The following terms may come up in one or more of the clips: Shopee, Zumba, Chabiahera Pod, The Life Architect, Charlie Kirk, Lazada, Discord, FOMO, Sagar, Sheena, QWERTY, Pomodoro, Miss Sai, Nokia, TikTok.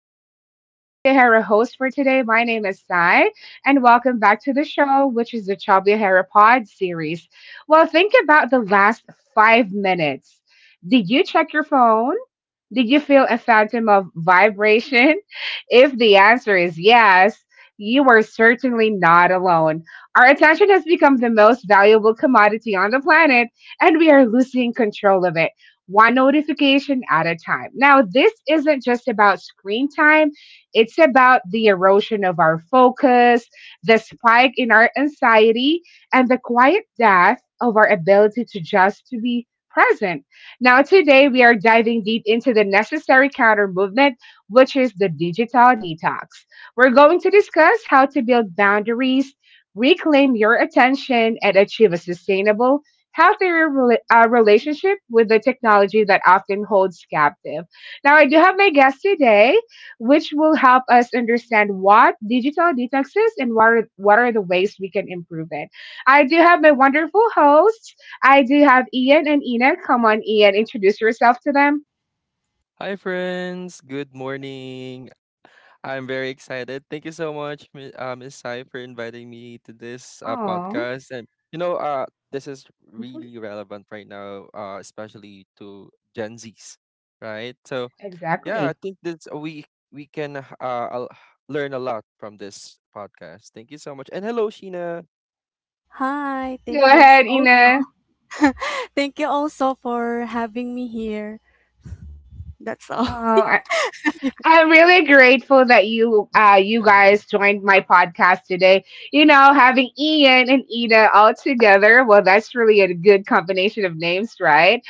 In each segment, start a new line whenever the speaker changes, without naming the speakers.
This is your Chabiahera host for today. My name is Sai, and welcome back to the show, which is the Chabiahera Pod series. Well, think about the last 5 minutes. Did you check your phone? Did you feel a phantom of vibration? If the answer is yes, you are certainly not alone. Our attention has become the most valuable commodity on the planet, and we are losing control of it, one notification at a time. Now, this isn't just about screen time, it's about the erosion of our focus, the spike in our anxiety, and the quiet death of our ability to just to be present now, today we are diving deep into the necessary counter movement, which is the digital detox. We're going to discuss how to build boundaries, reclaim your attention, and achieve a sustainable, healthier relationship with the technology that often holds captive. Now, I do have my guest today, which will help us understand what digital detox is and what are the ways we can improve it. I do have my wonderful host. I do have Ian and Ina. Come on, Ian, introduce yourself to them.
Hi, friends. Good morning. I'm very excited. Thank you so much, Miss Sai, for inviting me to this
Oh,
podcast. And this is really relevant right now, especially to Gen Zs, right? So yeah, I
exactly.
think this we can learn a lot from this podcast. Thank you so much. And hello, Sheena.
Hi,
Go
thank you s-
ahead,
also.
Ina.
Thank you also for having me here. That's all.
Oh, I, I'm really grateful that you you guys joined my podcast today. You know, having Ian and Ina all together, well, that's really a good combination of names, right?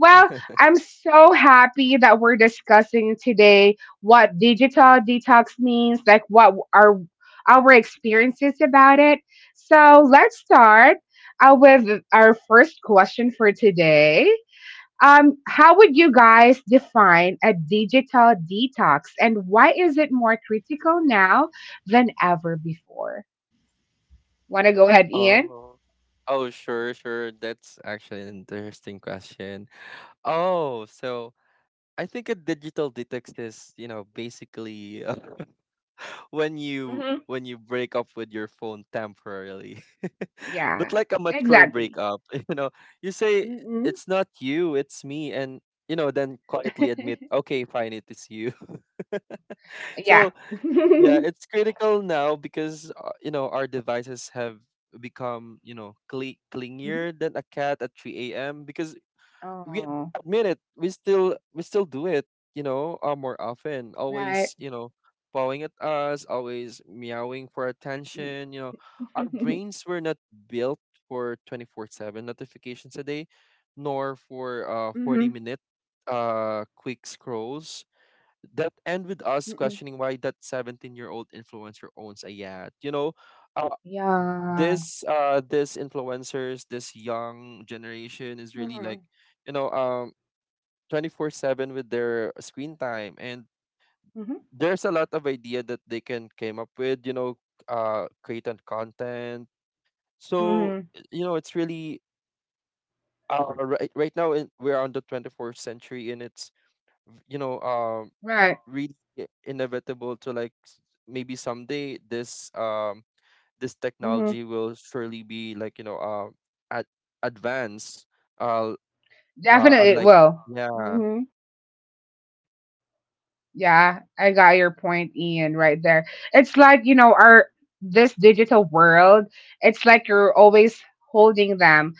Well, I'm so happy that we're discussing today what digital detox means, like what our experiences about it. So let's start with our first question for today. How would you guys define a digital detox, and why is it more critical now than ever before? Want to go ahead, Ian?
Oh, oh, sure, sure. That's actually an interesting question. Oh, so I think a digital detox is basically when you
Hmm.
when you break up with your phone temporarily. But
Yeah,
like a mature
exactly.
breakup, you know, you say
Mm-mm.
it's not you, it's me, and then quietly admit, okay, fine, it is you.
Yeah.
So, yeah, it's critical now because our devices have become, cli
Mhm.
clingier than a cat at 3 a.m. because we
Oh,
admit it we still we still do it, more often,
right?
always, bowing at us, always meowing for
Mm.
attention. Our brains were not built for 24/7 notifications a day, nor for 40
Hmm.
minute quick scrolls that end with us
Mm-mm.
questioning why that 17-year-old influencer owns a yacht. Uh,
Yeah.
this influencers, this young generation is really
Mhm.
like, you know um 24/7 with their screen time, and
Mhm.
there's a lot of idea that they can came up with. Create and content. So
Mhm.
it's really, right now, we're on the 24th century, and it's, you know um
Right.
really inevitable to like, maybe someday this,
Mhm.
technology will surely be like, ad- advanced, uh
Definitely.
unlike,
Well,
yeah.
mhm, yeah, I got your point, Ian, right there. It's like, you know, our this digital world, it's like you're always holding them.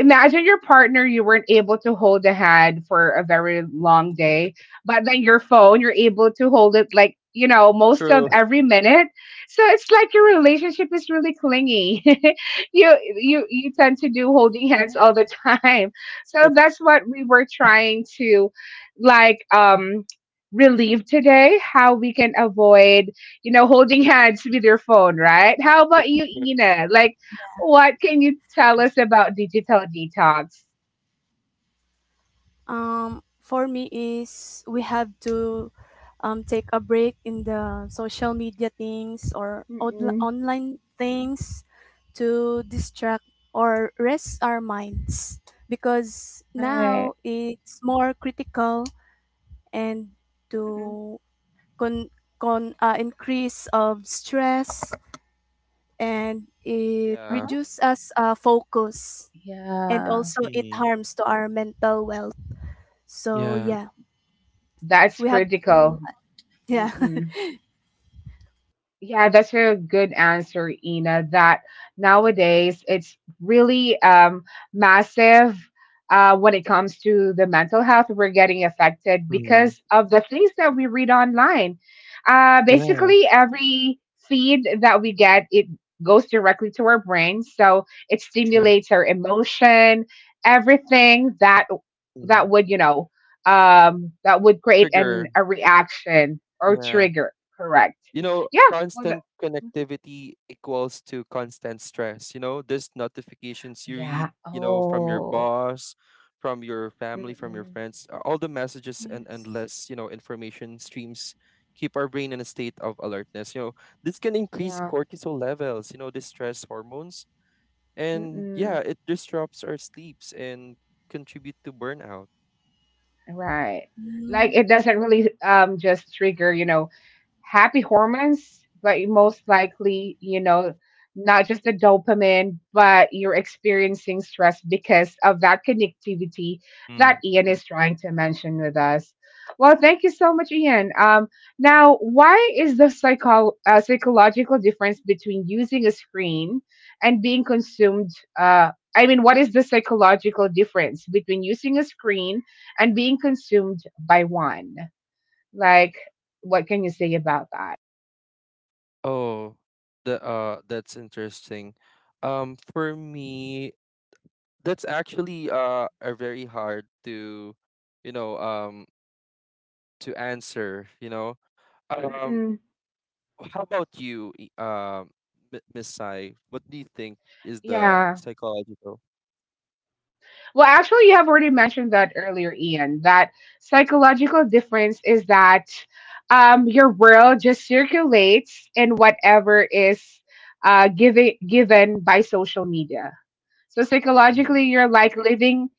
Imagine your partner you weren't able to hold a hand for a very long day, but then your phone, you're able to hold it like, you know, most of
True,
every minute. So it's like your relationship is really clingy. You tend to
Yeah.
do holding hands all the time. So that's what we were trying to like relieve today, how we can avoid, you know, holding hands with your phone, right? How about you,
true.
Ina? Like what can you tell us about digital detox?
For me is we have to take a break in the social media things or odl-
Mm-mm.
online things to distract or rest our minds because
Right.
now it's more critical and
Mm-mm.
to con, con increase of stress and it
Yeah.
Uh-huh.
reduces us focus and
Yeah.
also it
Mhm.
harms to our mental wealth, so
Yeah.
yeah,
That's
we have
critical.
to yeah,
Mm-mm. Yeah, that's a good answer, Ina. That nowadays it's really massive when it comes to the mental health. We're getting affected
Mhm.
because of the things that we read online.
Yeah,
Basically, every feed that we get, it goes directly to our brain, so it
true.
stimulates our emotion, everything that that
Mhm.
would you know that would create an
Trigger.
a reaction or
Yeah.
trigger. Correct. Yeah. Wala,
Constant
mhm.
connectivity equals to constant stress. These notifications you read,
Yeah,
from your
oh,
boss, from your family, from your
mm,
friends, all the messages and
yes.
endless, information streams keep our brain in a state of alertness. This can increase
yeah,
cortisol levels, the stress hormones. And yeah,
mm,
it disrupts our sleeps and contribute to burnout.
right. Like,
Mm.
it doesn't really, just trigger, you know, happy hormones, but you most likely, you know, not just the dopamine, but you're experiencing stress because of that connectivity that
Mm.
Ian is trying to mention with us. Well, thank you so much, Ian. Now, why is the psychological difference between using a screen and being consumed? I mean, what is the psychological difference between using a screen and being consumed by one? Like, what can you say about that?
Oh, the that's interesting. For me, that's actually a very hard you know um to answer. Um
Mm-mm.
how about you, Miss Sai, what do you think is the
Yeah.
psychological?
Well, actually, you have already mentioned that earlier, Ian. That psychological difference is that your world just circulates in whatever is given by social media. So
Mm-hmm.
psychologically, you're like living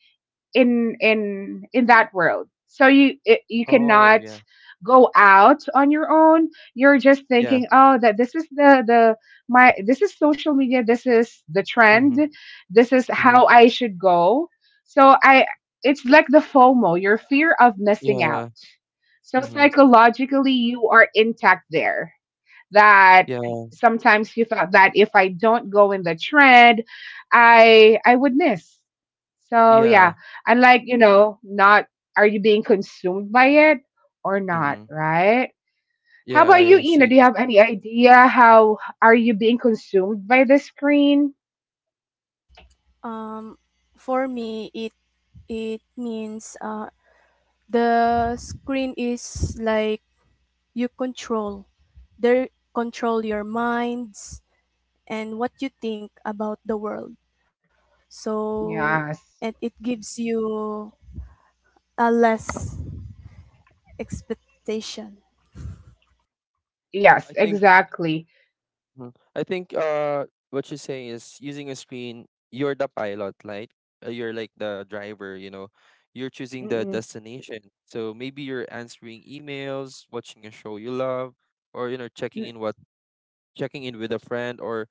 in that world so you it, you
Oh,
cannot
yeah.
go out on your own. You're just
Yeah.
thinking oh that this is the my, this is social media, this is the
Mm-hmm.
trend, this is
Mm-hmm.
how I should go. So i it's like the FOMO, your fear of missing out.
Yeah.
So
Mm-hmm.
psychologically you are intact there that
Yeah.
sometimes he thought that if I don't go in the trend, I would miss. So yeah,
Yeah.
and like you know, not are you being consumed by it or
Mm-hmm.
not, right? How about
Yeah, I
you, Ina?
see.
Do you have any idea how are you being consumed by the screen?
um for me, it means the screen is like you control, they control your minds and what you think about the world. So,
Yes,
and it gives you a less expectation.
yes,
I think
exactly.
Mhm. I think what you're saying is, using a screen, you're the pilot, right? You're like the driver, you know. You're choosing the
Mm-mm.
destination. So maybe you're answering emails, watching a show you love, or, checking in with a friend, or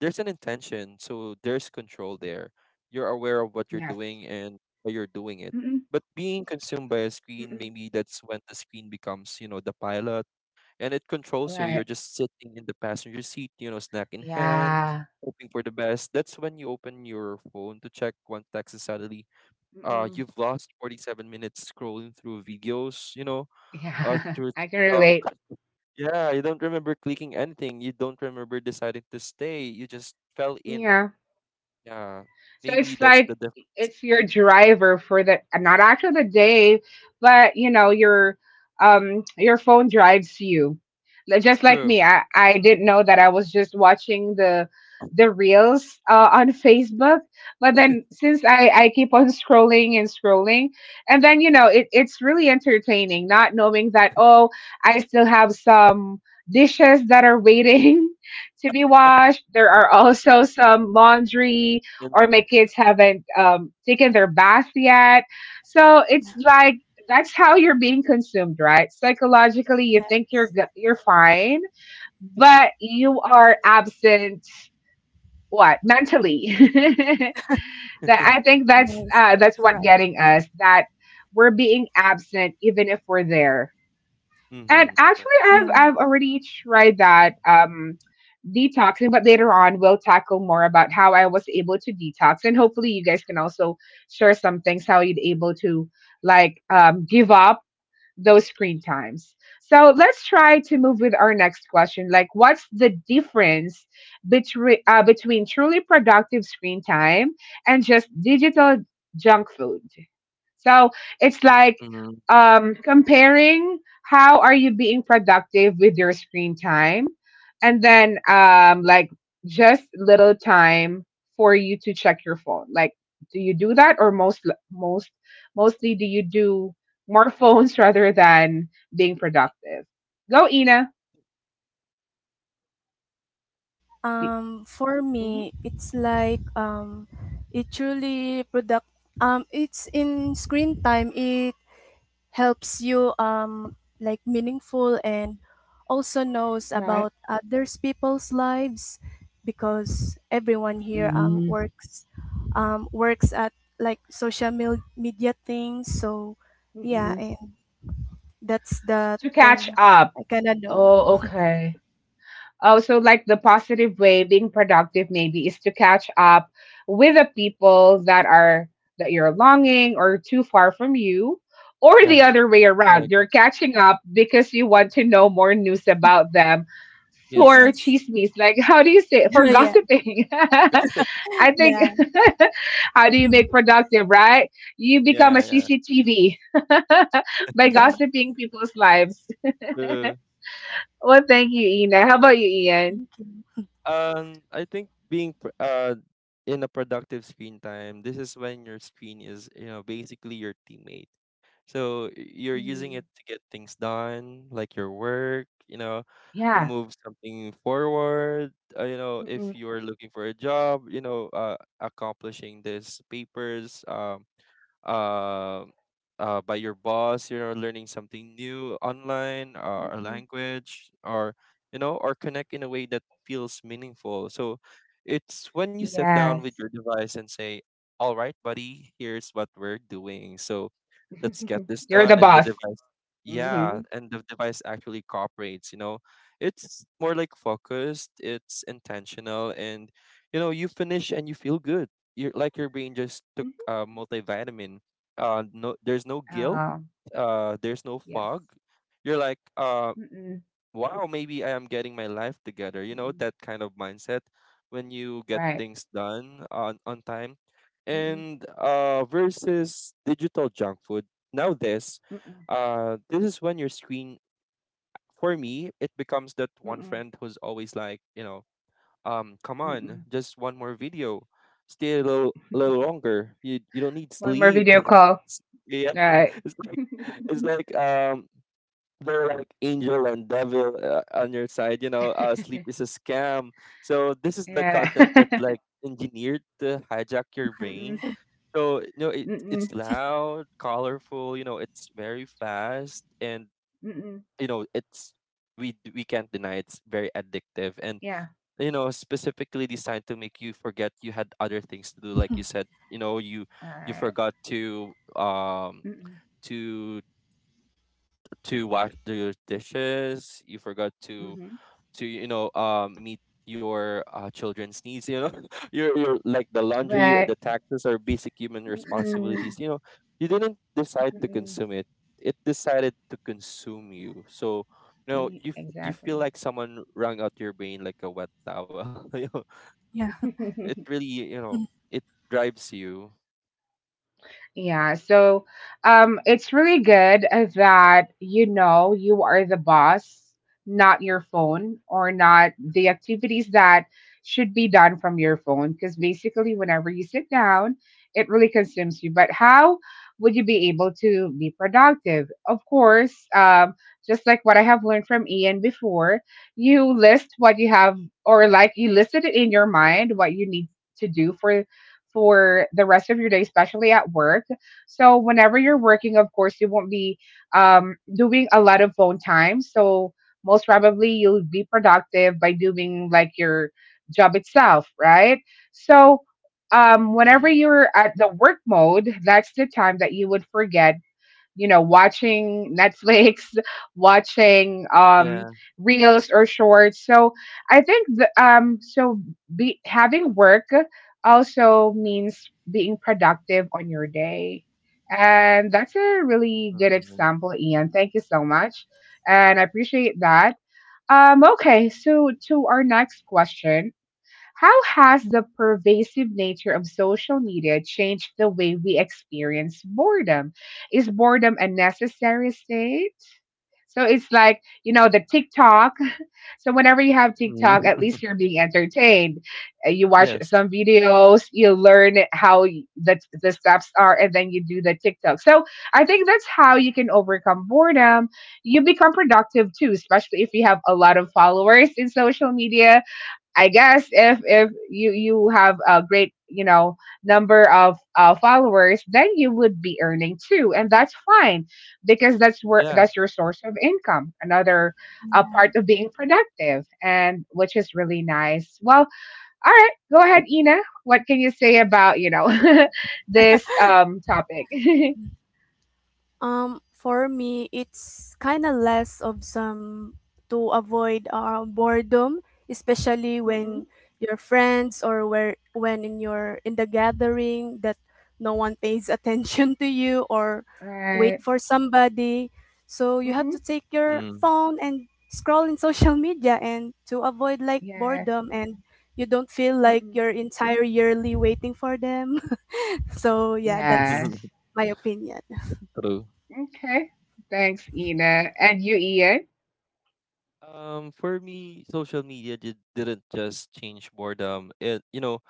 there's an intention. So there's control there. You're aware of what you're
Yes.
doing and why you're doing it.
Mm-mm.
But being consumed by a screen,
Mm-mm.
maybe that's when the screen becomes, the pilot, and it controls you. You're
Right.
just sitting in the passenger seat, snack in hand,
Yeah.
hoping for the best. That's when you open your phone to check one text, and suddenly,
Mm-mm.
you've lost 47 minutes scrolling through videos,
Yeah.
through
I can relate.
TikTok. Yeah, you don't remember clicking anything. You don't remember deciding to stay. You just fell in.
Yeah.
Yeah,
So
maybe
it's
that's the
like
difference.
it's your driver for the not actually the day, but you know your phone drives you. Like, just like
True.
me, I didn't know that I was just watching the reels on Facebook, but then since I keep on scrolling and scrolling, and then you know it it's really entertaining, not knowing that oh I still have some dishes that are waiting to be washed. There are also some laundry
In-
or my kids haven't taken their bath yet. So it's like that's how you're being consumed, right? Psychologically, you think
Yes,
you're fine, but you are absent. What mentally? That I think
yes,
that's
that's
what
right.
getting us that we're being absent even if we're there. And
Mm-hmm. Uh-huh.
actually, I've
Yeah.
already tried that detoxing, but later on we'll tackle more about how I was able to detox, and hopefully you guys can also share some things how you'd able to like give up those screen times. So let's try to move with our next question. Like, what's the difference between truly productive screen time and just digital junk food? So it's like
Mm,
comparing how are you being productive with your screen time, and then like just little time for you to check your phone. Like, do you do that, or most mostly do you do more phones rather than being productive? Go, Ina.
For
Mm-hmm.
me, it's like it truly product. It's in screen time. It helps you like meaningful and also knows
Right.
about others people's lives because everyone here
Mm-hmm.
works works at like social mil- media things. So yeah, and that's the
To catch
thing
up.
I kinda know.
Oh, okay. Oh, so like the positive way being productive maybe is to catch up with the people that are that you're longing or too far from you or
yeah,
the other way
I
around you're
agree.
catching up because you want to know more news about them. For
Yes.
Yes.
chismis, like how do you say it? For
Yeah,
gossiping.
Gossip.
I think
yeah,
how do you make
mhm.
productive, right? You become a
Yeah, yeah.
CCTV by
Yeah.
gossiping people's lives.
True.
Well, thank you, Ina. How about you, Ian?
Thank you.
I think being in a productive screen time, this is when your screen is, basically your teammate. So you're using it to get things done, like your work,
Yeah.
move something forward. Uh, you know,
Mm-mm.
if you're looking for a job, accomplishing these papers. Uh, by your boss, learning something new online or a
Mm-mm.
language, or, or connect in a way that feels meaningful. So it's when you sit down with
Yes.
your device and say, all right, buddy, here's what we're doing. So let's get this
You're the
done. And the
boss.
device,
Mm-hmm.
yeah, and the device actually cooperates, it's more like focused, it's intentional, and, you finish and you feel good. You're like your brain just took a multivitamin. No, there's no guilt.
Um,
There's no
yes.
fog. You're like,
Mm-mm.
wow, maybe I am getting my life together. You know
Mm-mm.
that kind of mindset when you get
Right.
things done on time.
Mm-mm.
And, versus digital junk food. Nowadays,
Mm-mm.
this is when your screen, for me, it becomes that one
Mm-mm.
friend who's always like, come on,
Mm-mm.
just one more video, stay a little longer, you don't need
One more
sleep.
video call.
Yeah.
Right.
it's like it's like they're like angel and devil on your side, sleep is a scam. So this is the
Yeah.
content that's like engineered to hijack your
Mm-mm.
brain. So you know it,
Mm-mm.
it's loud, colorful, it's very fast, and
Mm-mm.
you know it's we can't deny it's very addictive, and
Yeah.
specifically designed to make you forget you had other things to do, like you said. You
Right.
forgot to
Mm-mm.
to wash the dishes, you forgot to
Mm-hmm.
to you know um meet your children's needs. Your like the laundry
Right.
or the taxes are basic human
Mm-mm.
responsibilities. You didn't decide to
Mm-mm.
consume it. It decided to consume you. So you know
E-
you f- you feel
Exactly.
like someone wrung out your brain like a wet towel.
Yeah.
It really, you know,
Mhm.
it drives you.
Yeah, so it's really good that you know you are the boss, not your phone, or not the activities that should be done from your phone. Because basically, whenever you sit down, it really consumes you. But how would you be able to be productive? Of course, just like what I have learned from Ian before, you list what you have, or like you listed it in your mind what you need to do for the rest of your day, especially at work. So, whenever you're working, of course, you won't be doing a lot of phone time. So, most probably, you'll be productive by doing like your job itself, right? So,
Hmm.
whenever you're at the work mode, that's the time that you would forget you know, watching Netflix, watching
Yeah.
reels or shorts. So I think the, so be, having work also means being productive on your day. And that's a really good
Mm.
example, Ian. Thank you so much. And I appreciate that. Okay, so to our next question. How has the pervasive nature of social media changed the way we experience boredom? Is boredom a necessary state? So it's like, you know, the TikTok. So whenever you have
Mm.
TikTok, at least you're being entertained. You watch
Yes.
some videos, you learn the steps are, and then you do the TikTok. So I think that's how you can overcome boredom. You become productive too, especially if you have a lot of followers in social media. I guess if you have a great you know number of followers, then you would be earning too, and that's fine because that's where
Yeah.
that's your source of income, another part of being productive, and which is really nice. Well, all right, go ahead, Ina. What can you say about you know this topic?
For me, it's kind of less of some to avoid boredom, especially
Mm-mm.
when your friends or where when in your in the gathering that no one pays attention to you or wait
Right.
for somebody. So you have
Mm-mm.
to take your
Mm.
phone and scroll in social media and to avoid like
Yes.
boredom, and you don't feel like
Mm-mm.
your entire yearly waiting for them. So yeah, that's
Yes.
my opinion.
True.
Okay. Thanks, Ina, and you, Ian.
For me, social media didn't just change boredom. It, you know,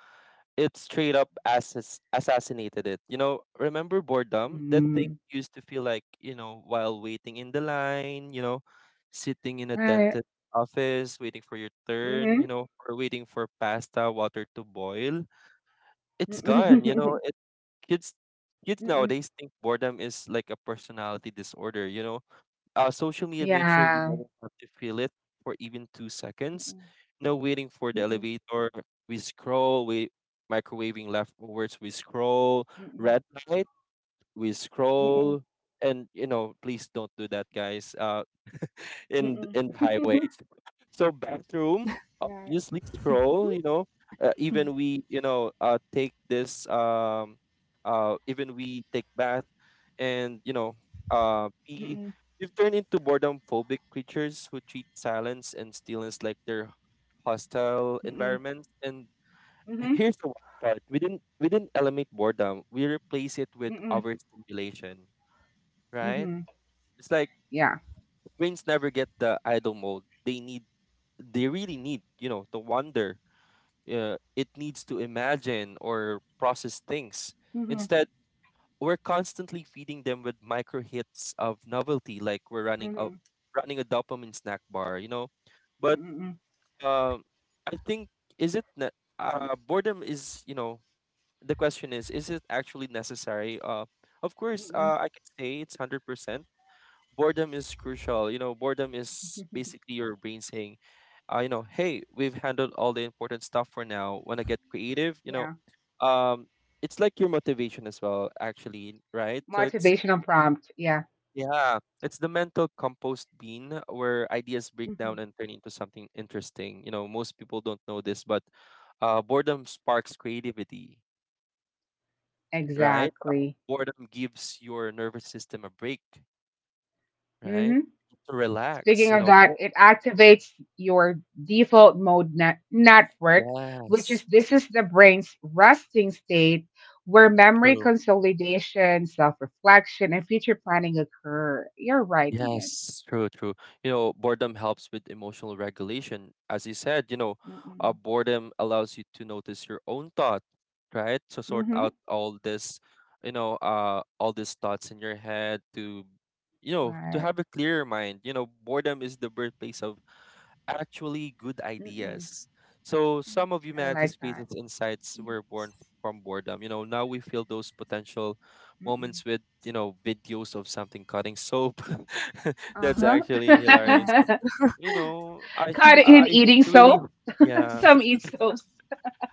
it straight up assassinated it. Remember boredom? That
Mm,
thing used to feel like, while waiting in the line, sitting in a
right.
dentist office, waiting for your turn,
Mhm.
or waiting for pasta water to boil. It's gone,
Mm-mm.
It kids kids
Mm-mm.
nowadays think boredom is like a personality disorder, Social media made sure we
Yeah.
never have to feel it for even 2 seconds.
Mm-mm.
No waiting for the
Mm-mm.
elevator, we scroll, we microwaving leftovers, we scroll,
Mm-mm.
red light, we
Mm-mm.
scroll. And, please don't do that, guys. In
Mm-mm.
in the highways. So bathroom,
Yeah.
obviously scroll.
Mhm.
Even we, take this even we take bath, and pee.
Mm-mm.
We've turned into boredom phobic creatures who treat silence and stillness like their hostile
Mm-mm.
environments. And
Mhm.
here's the wild part: we didn't eliminate boredom. We replace it with
Mm-mm.
overstimulation. Right?
Mhm.
It's like
Yeah.
brains never get the idle mode. They really need to wonder, it needs to imagine or process things,
Mhm.
instead we're constantly feeding them with micro hits of novelty, like we're running a
Mhm.
dopamine snack bar. But,
Mm-mm.
um I think, is it ne- boredom is, the question is it actually necessary? Of course,
Mm-mm.
I can say it's 100%. Boredom is crucial. Boredom is basically your brain saying, hey, we've handled all the important stuff for now. Want to get creative?
Yeah.
Um, it's like your motivation as well, actually, right? So it's,
Motivational prompt. Yeah.
yeah, it's the mental compost bean where ideas break down
Mhm.
and turn into something interesting. Most people don't know this, but boredom sparks creativity, right?
Exactly.
Boredom gives your nervous system a break, right?
Mhm.
To relax,
Speaking
you
of
know.
that,
bo-
it activates your default network, which is
Yes.
this is the brain's resting state where memory
True.
consolidation, self reflection, and future planning occur. You're right, Ian.
Yes, true, true. Boredom helps with emotional regulation. As you said,
Mm-mm.
boredom allows you to notice your own thought, right? To sort
Mm-hmm.
out all this, all these thoughts in your head to
Right.
have a clearer mind. Boredom is the birthplace of actually good
Mm-mm.
ideas. So some of
I
humanity's
like that.
greatest insights were born from boredom. Now we feel those potential
Mm-mm.
moments with, videos of something cutting soap.
Uh
That's actually hilarious. So,
Yes.
huh.
You know, I
Caught in
I
eating
really
soap.
ho- yeah,
Some eat soaps.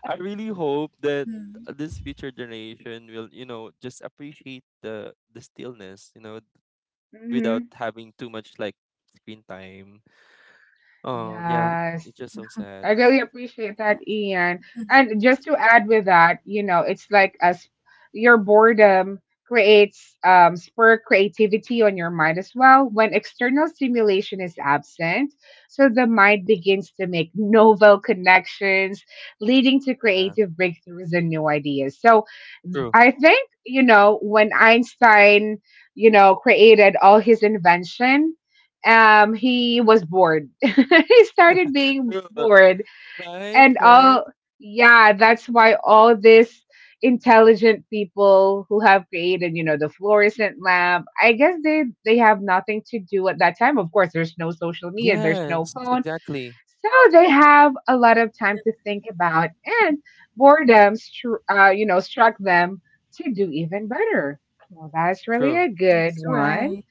I really hope that
Mm.
this future generation will, just appreciate the stillness,
Mm-hmm.
without having too much like screen time. Oh, yeah.
Yes.
It's just so sad.
I really appreciate
Yeah,
that, Ian. And just to add with that, you know, it's like as your boredom creates spur creativity on your mind as well when external stimulation is absent. So the mind begins to make novel connections, leading to
Yeah.
creative breakthroughs and new ideas. So
True.
I think, you know, when Einstein, you know, created all his invention, he was bored. He started being
True.
bored.
Right,
And
right.
all, yeah, that's why all these intelligent people who have created, you know, the fluorescent lamp, I guess they have nothing to do at that time. Of course, there's no social media, there's no
Yes,
phone.
exactly.
So they have a lot of time to think about, and boredom, you know, struck them to do even better. Well, that's
True.
really a good
that's
one.
right.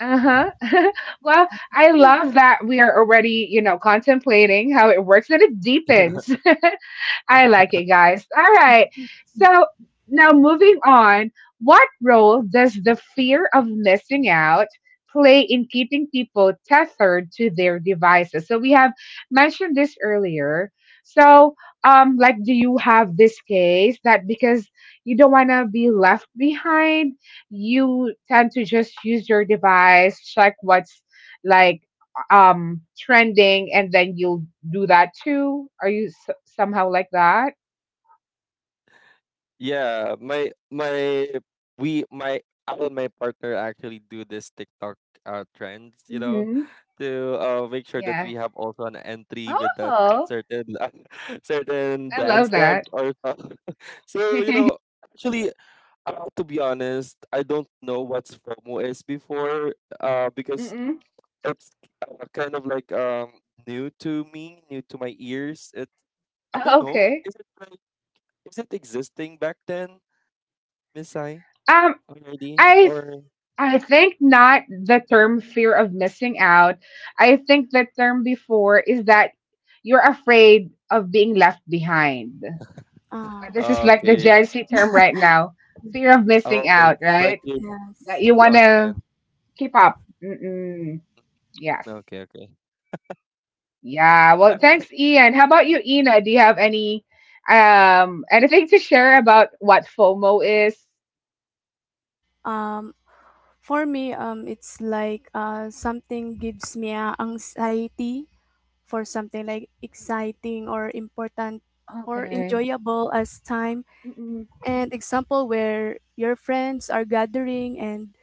Uh-huh. Well, I love that we are already, you know, contemplating how it works and it deepens. I like it, guys. All right. So now moving on, what role does the fear of missing out play in keeping people tethered to their devices? So we have mentioned this earlier. So, like, do you have this case that because you don't want to be left behind, you tend to just use your device, check what's like trending, and then you'll do that too? Are somehow like that?
Yeah, my we my I and my partner actually do this TikTok trends,
Hmm.
to make sure that
Yeah.
we have also an entry with that
Oh,
certain certain
I
dance
love
step
that.
or so. So, you know, actually, to be honest, I don't know what's FOMO is before, because
Mm-mm.
it's kind of like new to me, new to my ears. It I don't know.
Okay.
Is it like is it existing back then, Miss I
um
already
I
or
I think not the term fear of missing out. I think the term before is that you're afraid of being left behind.
Uh,
This is like the
okay?
Gen Z term right now, fear of missing
Oh, it's
out,
like
right?
you'll
That
yes.
you
be
want
on
to
trend.
keep up. Mm-mm. Yes.
Okay, okay.
Yeah, well,
I mean,
thanks, Ian. How about you, Ina? Do you have any anything to share about what FOMO is?
Um, for me, it's like something gives me a anxiety for something like exciting or important or
Okay.
enjoyable as time.
Mm-mm,
And example where your friends are gathering and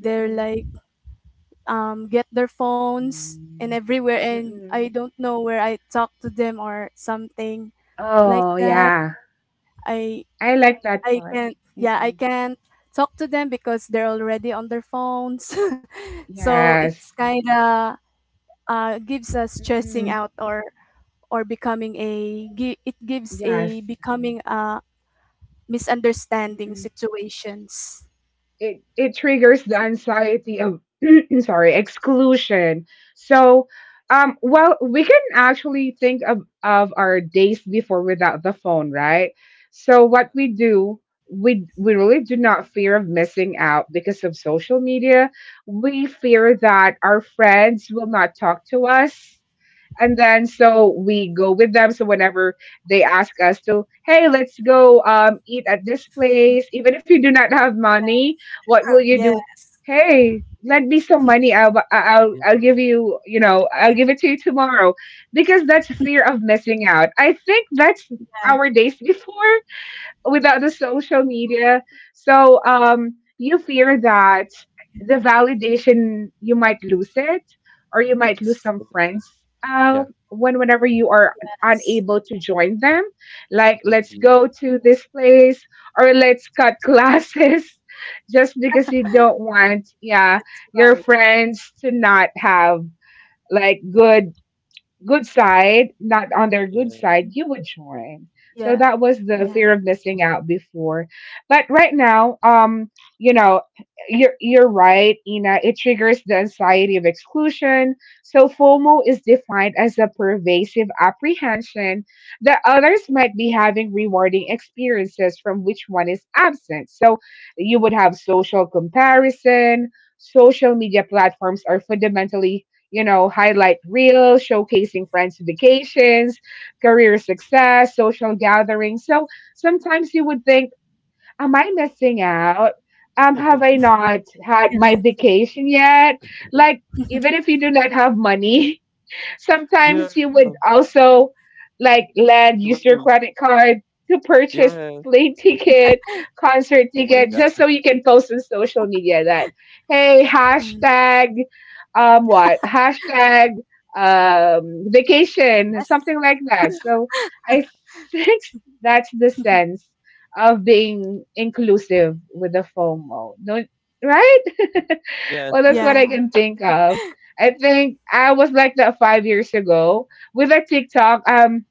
they're
mm-mm,
like get their phones and
mm,
everywhere, and I
mm-mm.
don't know where I talk to them or something like
Oh,
that.
yeah.
I
I like that
I
part.
can't, yeah, I
Mm-mm.
can't talk to them because they're already on their phones. So
Yes.
it's kind of gives us stressing
Mm-mm.
out or becoming a gi- it gives a
Yes.
becoming a misunderstanding situations.
It triggers the anxiety of sorry, exclusion. So well, we can actually think of our days before without the phone, right? So what we do, we really do not fear of missing out because of social media. We fear that our friends will not talk to us, and then so we go with them. So whenever they ask us to, hey, let's go eat at this place even if you do not have money, what will you
Yeah,
do? Hey, lend me some money. i'll bu- I- i'll
yeah,
i'll give you, you know, I'll give it to you tomorrow. Because that's fear of missing out. I think that's
yes,
our days before without the social media. So
okay.
you fear that the validation you might lose it, or you might lose
Yes,
some
exactly.
friends. Uh,
Yeah,
whenever you are unable to join them, like let's go
OMG.
to this place or let's cut classes, just because you don't want,
that's
yeah,
right.
your friends to not have like good, good side, not on their good
Yeah.
side, you would join.
Yeah,
So that was
yeah,
the fear of missing out before. But right now, you know, you're right, Ina. It triggers the anxiety of exclusion. So FOMO is defined as a pervasive apprehension that others might be having rewarding experiences from which one is absent. So you would have social comparison. Social media platforms are fundamentally, you know, highlight reels, showcasing friends' vacations, career success, social gatherings. So sometimes you would think, am I missing out? Have I not had my
yes,
vacation yet? Like, even if you do not have money,
Yeah,
sometimes you would also like lend use your
anyways.
credit card to purchase
Yeah.
plane ticket, concert
Oh
that's
my
ticket,
God.
just so you can post on social media that hey
mm,
hashtag what hashtag vacation,
yes,
something like that. So I think that's the sense of being inclusive with the FOMO. Don't, right?
Yes,
Well, that's what
yes.
yeah,
I can think of. I think I was like that 5 years ago with a TikTok.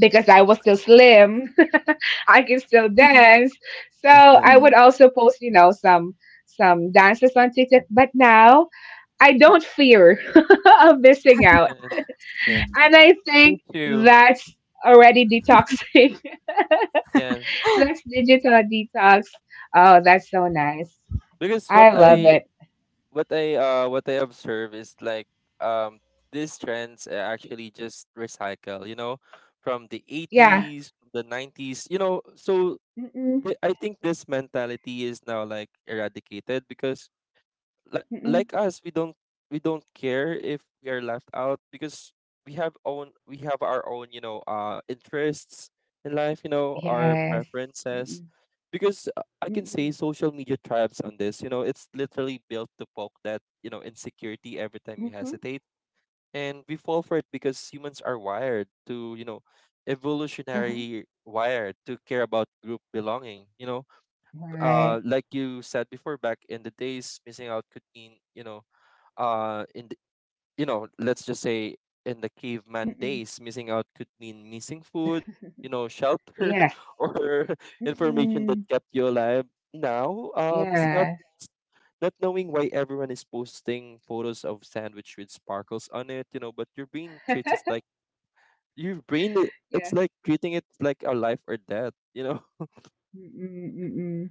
Because I was still slim, I can still dance. So I would also post, you know, some dances on TikTok. But now I don't fear of missing out,
Yes, yes.
and I
Me
think
too.
that's already detoxing.
Yeah,
That's digital detox. Oh, that's so nice.
because what
I love
I
it.
what I uh what I observe is like um these trends are actually just recycle, you know, from the
Yeah.
80s, from the 90s, you know, so
Mm-mm,
I think this mentality is now like eradicated because like
mm-mm.
like us we don't care if we are left out because we have our own, you know, interests in life, you know, our
Yes.
preferences, because I can say
Mm-mm.
social media thrives on this, you know. It's literally built to poke that, you know, insecurity every time you
Mhm.
hesitate, and we fall for it because humans are wired to, you know,
Uh-huh.
evolutionary wired to care about group belonging, you know.
Right.
Like you said before, back in the days missing out could mean, you know, uh in the, you know, let's just say in the caveman
Mm-mm.
days missing out could mean missing food, you know, shelter
Yes.
or information that
Mm-mm.
kept you alive. Now missing out
Yes.
means not knowing why everyone is posting photos of sandwich with sparkles on it, you know, but your brain treats it like it's
Yeah.
like treating it like a life or death, you know.
Mm-mm. Mm-mm.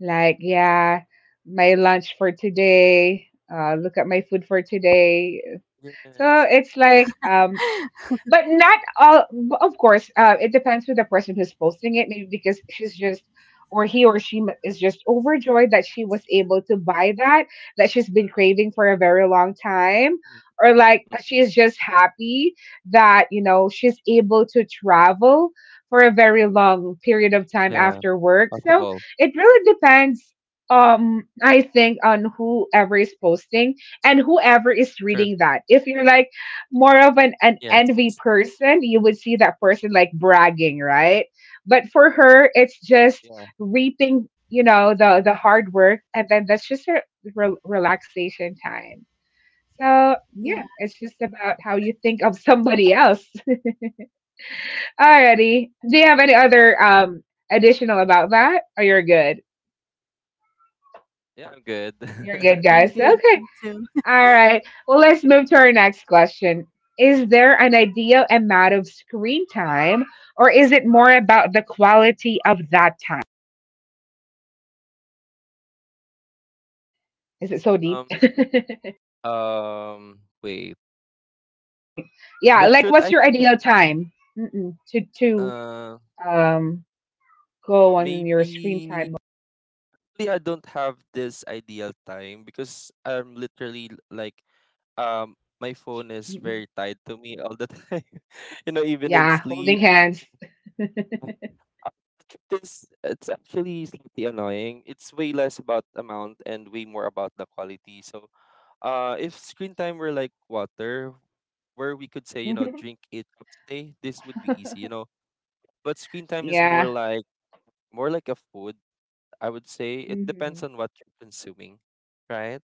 Like, yeah, my lunch for today. Look at my food for today. So
Yes.
it's like, but not all, but of course, it depends who the person who's posting it. Maybe because she's just, or he or she is just overjoyed that she was able to buy that, that she's been craving for a very long time,
Mm,
or
mm,
like she's just happy that, you know, she's able to travel for a very long period of time
yeah,
after work. So
possible.
it really depends, I think, on whoever is posting and
True.
whoever is reading that. If you're like more of
Yes.
an envy person, you would see that person like bragging, right? But for her, it's
yeah
just reaping, you know, the hard work, and then that's just her relaxation time. So yeah,
yeah.
it's just about how you think of somebody else. Alrighty, do you have any other additional about that, or you're good?
yeah, I'm good.
You're good,
I'm
guys.
good,
Okay.
me too.
All right. Well, let's move to our next question. Is there an ideal amount of screen time, or is it more about the quality of that time? Is it so
um
deep? Screen-
Wait. The
yeah. Like,
truth, I
what's your ideal time? Mm-mm. To
uh
um go on
maybe
your screen time?
really I don't have this ideal time because I'm literally like my phone is
Mm-mm.
very tied to me all the time. You know, even in
Yeah, holding
sleep.
hands.
Uh, The truth is, it's actually slightly annoying. It's way less about amount and way more about the quality. So, if screen time were like water, where we could say, you know, drink 8 cups a day, this would be easy. You know, but screen time is more
Yeah.
like a food. I would say it
Hmm.
depends on what you're consuming, right?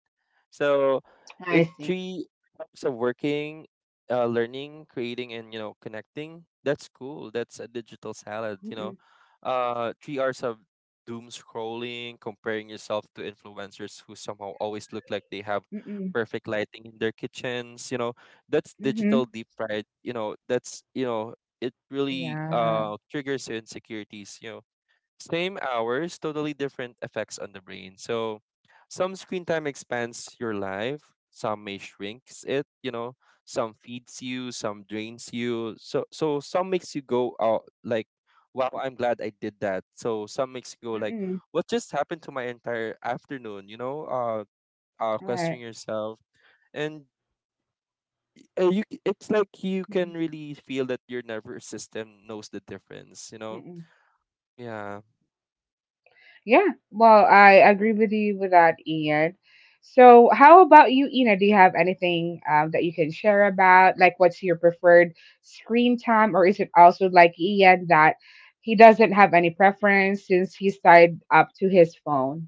So
I
it
see.
three types of working, learning, creating, and, you know, connecting. That's cool. That's a digital salad. You know,
Mm-mm.
3 hours of doom scrolling, comparing yourself to influencers who somehow always look like they have
Mm-mm.
perfect lighting in their kitchens. You know, that's
Mm-hmm.
digital deep fried. You know, that's, you know, it really
Yeah.
triggers your insecurities. You know, same hours, totally different effects on the brain. So some screen time expands your life, some may shrinks it, you know, some feeds you, some drains you. So some makes you go out like, wow, I'm glad I did that. So some makes you go like,
Mm-mm.
what just happened to my entire afternoon, you know? Uh,
All
questioning
right.
yourself. And you it's like you can really feel that your nervous system knows the difference, you know?
Mm-mm.
Yeah.
Yeah, well, I agree with you with that, Ian. So, how about you, Ina? Do you have anything that you can share about? Like, what's your preferred screen time, or is it also like Ian that he doesn't have any preference since he's tied up to his phone?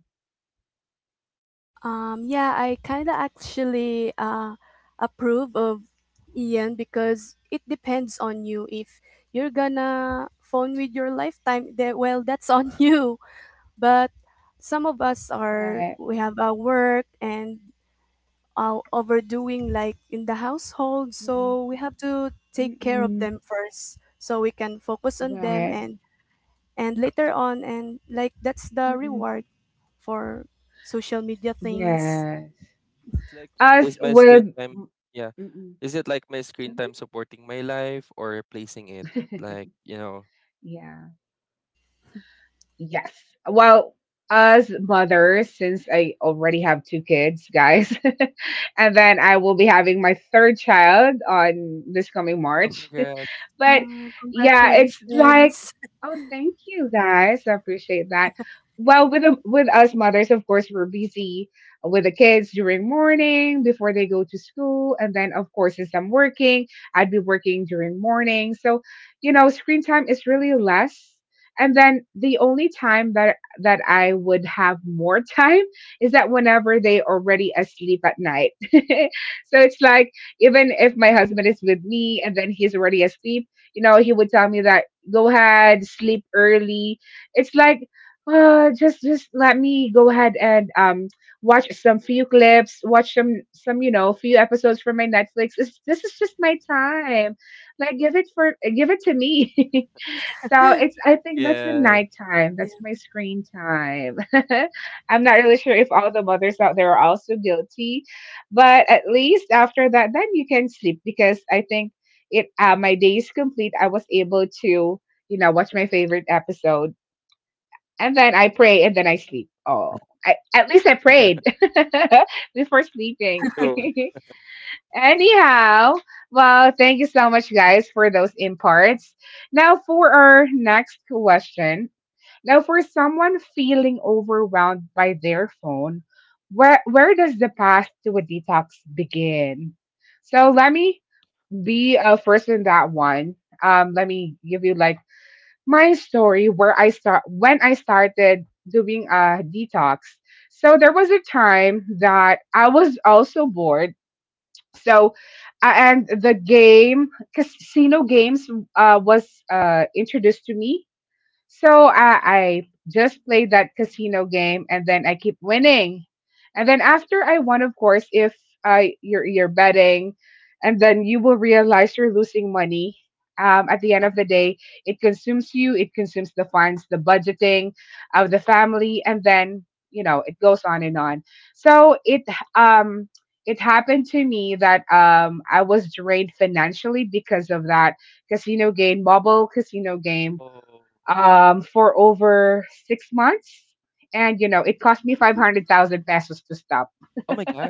Yeah, I kind of actually approve of Ian because it depends on you. If you're gonna phone with your lifetime, then, well, that's on you. But some of us are,
Right.
we have our work and our overdoing like in the household.
Mm-mm.
So we have to take care of
Mm-mm.
them first so we can focus on them,
Right.
and later on. And like that's the
Mm-mm.
reward for social media things.
Yes.
It's like,
Us
is my screen
with.
time, yeah,
Mm-mm.
is it like my screen time supporting my life or replacing it? Like, you know,
Yeah. Yes. Well, as mothers, since I already have two kids, guys, and then I will be having my third child on this coming
oh,
March.
congrats.
But
Oh,
yeah, it's like,
congratulations.
oh, thank you guys. I appreciate that. Well, with us mothers, of course, we're busy with the kids during morning before they go to school, and then of course, since I'm working, I'd be working during morning. So, you know, screen time is really less. And then the only time that I would have more time is that whenever they already asleep at night. So it's like, even if my husband is with me and then he's already asleep, you know, he would tell me that go ahead, sleep early. It's like, just let me go ahead and watch some few clips, watch some, you know, few episodes from my Netflix. This is just my time. Like give it for give it to me. So it's, I think
Yes.
that's the nighttime.
Yeah.
That's my screen time. I'm not really sure if all the mothers out there are also guilty, but at least after that, then you can sleep because I think it my day is complete. I was able to, you know, watch my favorite episode, and then I pray,
Mhm.
and then I sleep. Oh, I, at least I prayed before
True.
sleeping. Anyhow, well, thank you so much, guys, for those imparts. Now for our next question. Now for someone feeling overwhelmed by their phone, where does the path to a detox begin? So let me be first in that one. Let me give you like my story where I start when I started doing a detox. So there was a time that I was also bored. So and the game casino games was introduced to me. So I just played that casino game and then I keep winning. And then after I won, of course, if I you're betting and then you will realize you're losing money. At the end of the day, it consumes you, it consumes the funds, the budgeting of the family, and then you know it goes on and on. So um it happened to me that I was drained financially because of that casino game, mobile casino game,
Oh,
for over 6 months. And, you know, it cost me 500,000 pesos to stop.
oh my God.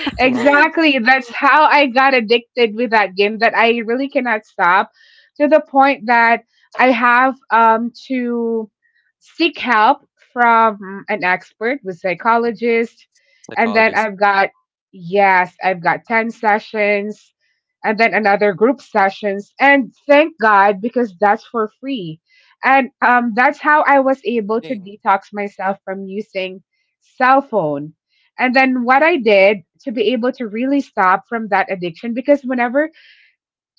That's a lot.
Exactly. That's how I got addicted with that game that I really cannot stop, to the point that I have to seek help from an expert, with psychologist, and then
Psychologist.
I've got 10 sessions and then another group sessions, and thank God because that's for free. And that's how I was able to
Thing.
detox myself from using cell phone. And then what I did to be able to really stop from that addiction, because whenever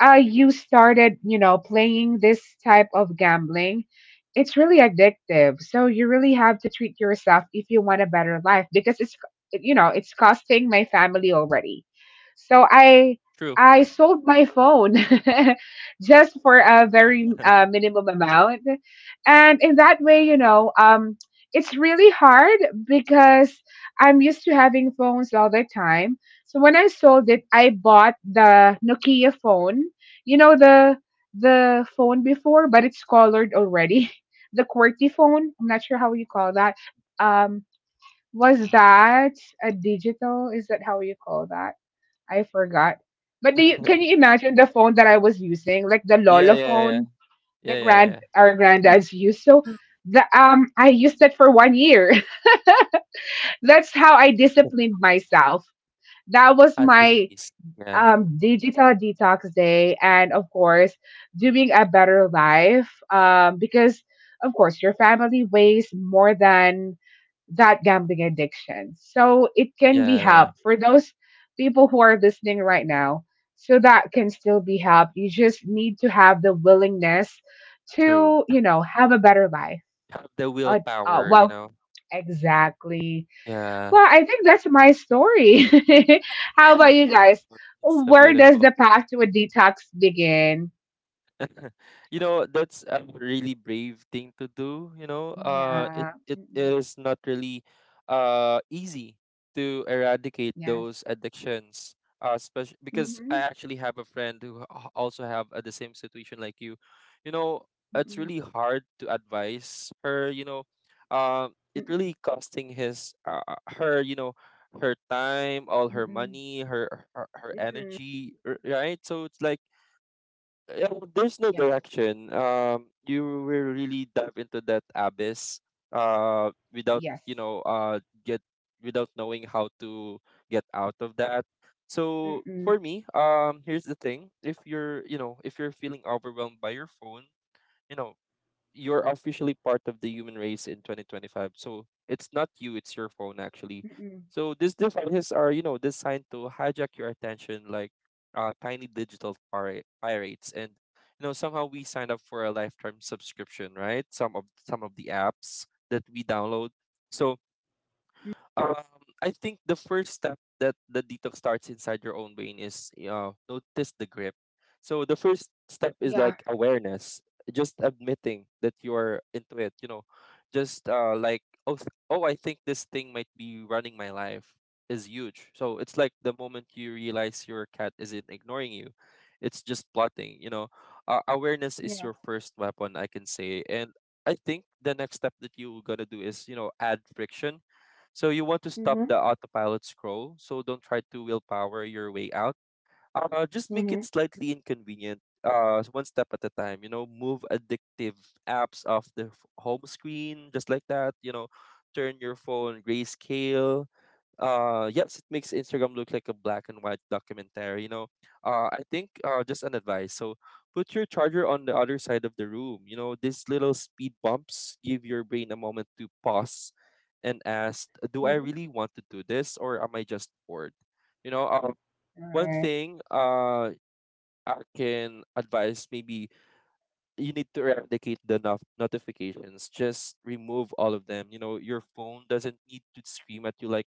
you started, you know, playing this type of gambling, it's really addictive. So you really have to treat yourself if you want a better life, because it's it's costing my family already. So
True.
I sold my phone just for a very minimum amount. And in that way, you know, it's really hard because I'm used to having phones all the time. So when I sold it, I bought the Nokia phone, you know, the phone before, but it's colored already. The QWERTY phone. I'm not sure how you call that. Um, was that a digital? Is that how you call that? I forgot. But do you, can you imagine the phone that I was using, like the
Yeah,
Lolo
yeah, yeah.
phone
Yeah,
that
yeah,
grand
yeah.
our granddads used? So
Mhm.
the I used that for 1 year. That's how I disciplined myself. That was
At
my
least. Yeah.
digital detox day. And of course doing a better life, because of course your family weighs more than that gambling addiction. So it can be
Yeah, yeah.
helped, for those people who are listening right now, so that can still be helped. You just need to have the willingness
True.
to, you know, have a better life.
Have the
uh, uh
willpower, you
well
know?
exactly.
Yeah.
Well, I think that's my story. How about you guys?
It's so
Where does
beautiful.
the path to a detox begin?
You know, that's a really brave thing to do, you know. It,
Yeah.
it
Mm-mm.
is not really easy to eradicate
Yes.
those addictions, especially because I
Mm-hmm.
actually have a friend who also have, the same situation like you know. It's
Mm-mm.
really hard to advise her, you know. It
Mm-mm.
really costing his, her, you know, her time, all her
Mm-mm.
money, her her
Mm-mm.
energy, right? So it's like yeah, there's no
Yeah.
direction. You will really dive into that abyss, without,
Yes.
you know, get without knowing how to get out of that. So
Mm-mm.
for me, here's the thing: if you're, you know, if you're feeling overwhelmed by your phone, you know, you're officially part of the human race in 2025. So it's not you, it's your phone actually.
Mm-mm.
So these devices are, you know, designed to hijack your attention like tiny digital pirates. And you know, somehow we sign up for a lifetime subscription, right? Some of the apps that we download. So um, I think the first step that the detox starts inside your own brain is notice the grip. So the first step is
Yeah.
like awareness, just admitting that you're into it. You know, just like I think this thing might be running my life is huge. So it's like the moment you realize your cat isn't ignoring you, it's just plotting. You know, awareness is your
Yeah.
first weapon, I can say, and I think the next step that you're gonna do is, you know, add friction, so you want to stop the
Mm-hmm.
autopilot scroll, so don't try to willpower your way out. Just make it
Mm-hmm.
slightly inconvenient, one step at a time. You know, move addictive apps off the home screen, just like that. You know, turn your phone grayscale. Yes, it makes Instagram look like a black and white documentary, you know. I think Just an advice, so put your charger on the other side of the room. You know, these little speed bumps give your brain a moment to pause and ask, do I
Mm-hmm.
really want to do this or am I just bored? You know,
All
one
right.
thing I can advise, maybe you need to replicate the notifications. Just remove all of them. You know, your phone doesn't need to scream at you like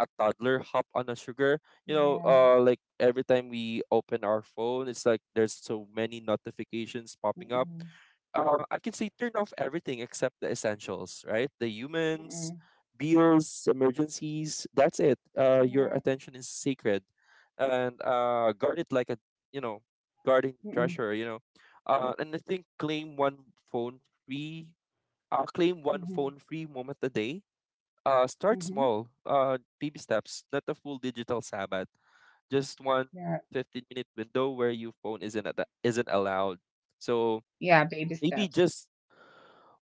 a toddler hop on a sugar. You know,
Yeah.
like every time we open our phone, it's like there's so many notifications popping up.
Mm-mm.
I can say turn off everything except the essentials, right? The humans,
Mm-mm.
bills, emergencies. That's it. Your
Yeah.
attention is sacred, and guard it like a, you know, guarding
Mm-mm.
treasure. You know, and I think free. Claim one
Mm-hmm.
phone free moment a day. Start
Mm-hmm.
small. Baby steps, not a full digital Sabbath. Just one
Yeah.
fifteen minute window where your phone isn't allowed. So
Yeah. Baby
maybe
steps.
just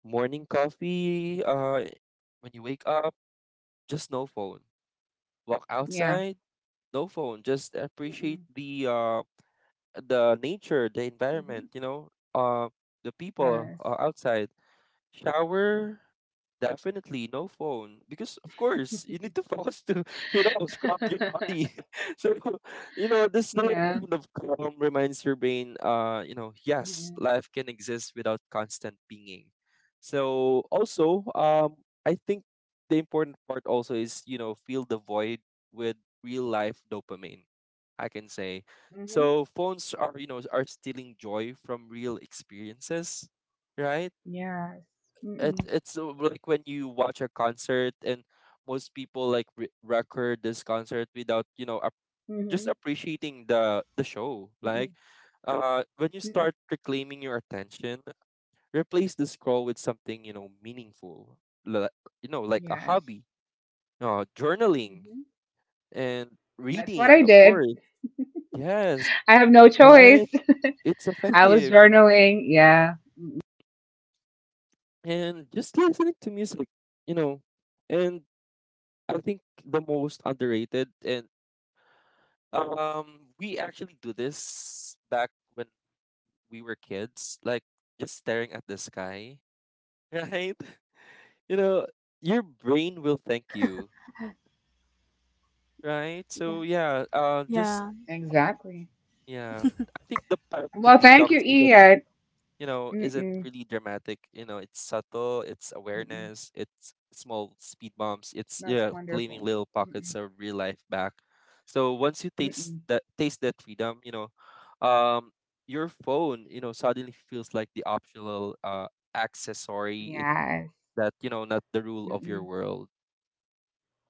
morning coffee, when you wake up, just no phone. Walk
Yeah.
outside, no phone. Just appreciate
Mm-mm.
the nature, the
Mm-hmm.
environment, you know, uh the people
Yes.
outside. Shower, definitely no phone because of course you need to focus to you know scrub your body. So you know this little
Yeah.
moment of calm reminds your brain, you know, yes,
Mm-mm.
life can exist without constant pinging. So also, I think the important part also is, you know, fill the void with real life dopamine. I can say.
Mm-hmm.
So phones are, you know, are stealing joy from real experiences, right?
Yes.
it
Mm-mm.
it's Like when you watch a concert and most people like record this concert without, you know, just
Mm-hmm.
appreciating the show, like
Mm-mm.
when you
Mm-mm.
start reclaiming your attention, replace the scroll with something, you know, meaningful, li- you know, like a
Yes.
hobby, journaling,
Mm-hmm.
and
That's what
reading,
I
of
did.
course. Yes.
I have no choice.
Right. It's
I was
effective.
journaling. Yeah,
And just listening to music, you know, and I think the most underrated and we actually do this back when we were kids, like just staring at the sky, right? You know, your brain will thank you, right? So
Yeah.
yeah, just
Yeah.
exactly.
yeah, I think the path to
Well, thank you,
detox is,
Ian.
you know, isn't
Mm-mm.
really dramatic. You know, it's subtle, it's
Mm-mm.
awareness, it's small speed bumps, it's
That's
yeah, claiming
wonderful.
little
Mm-mm.
pockets of real life back. So once you
Mm-mm.
taste that freedom, you know, um, your phone, you know, suddenly feels like the optional accessory. It
Yes.
That, you know, not the rule of your
Mm-mm.
world.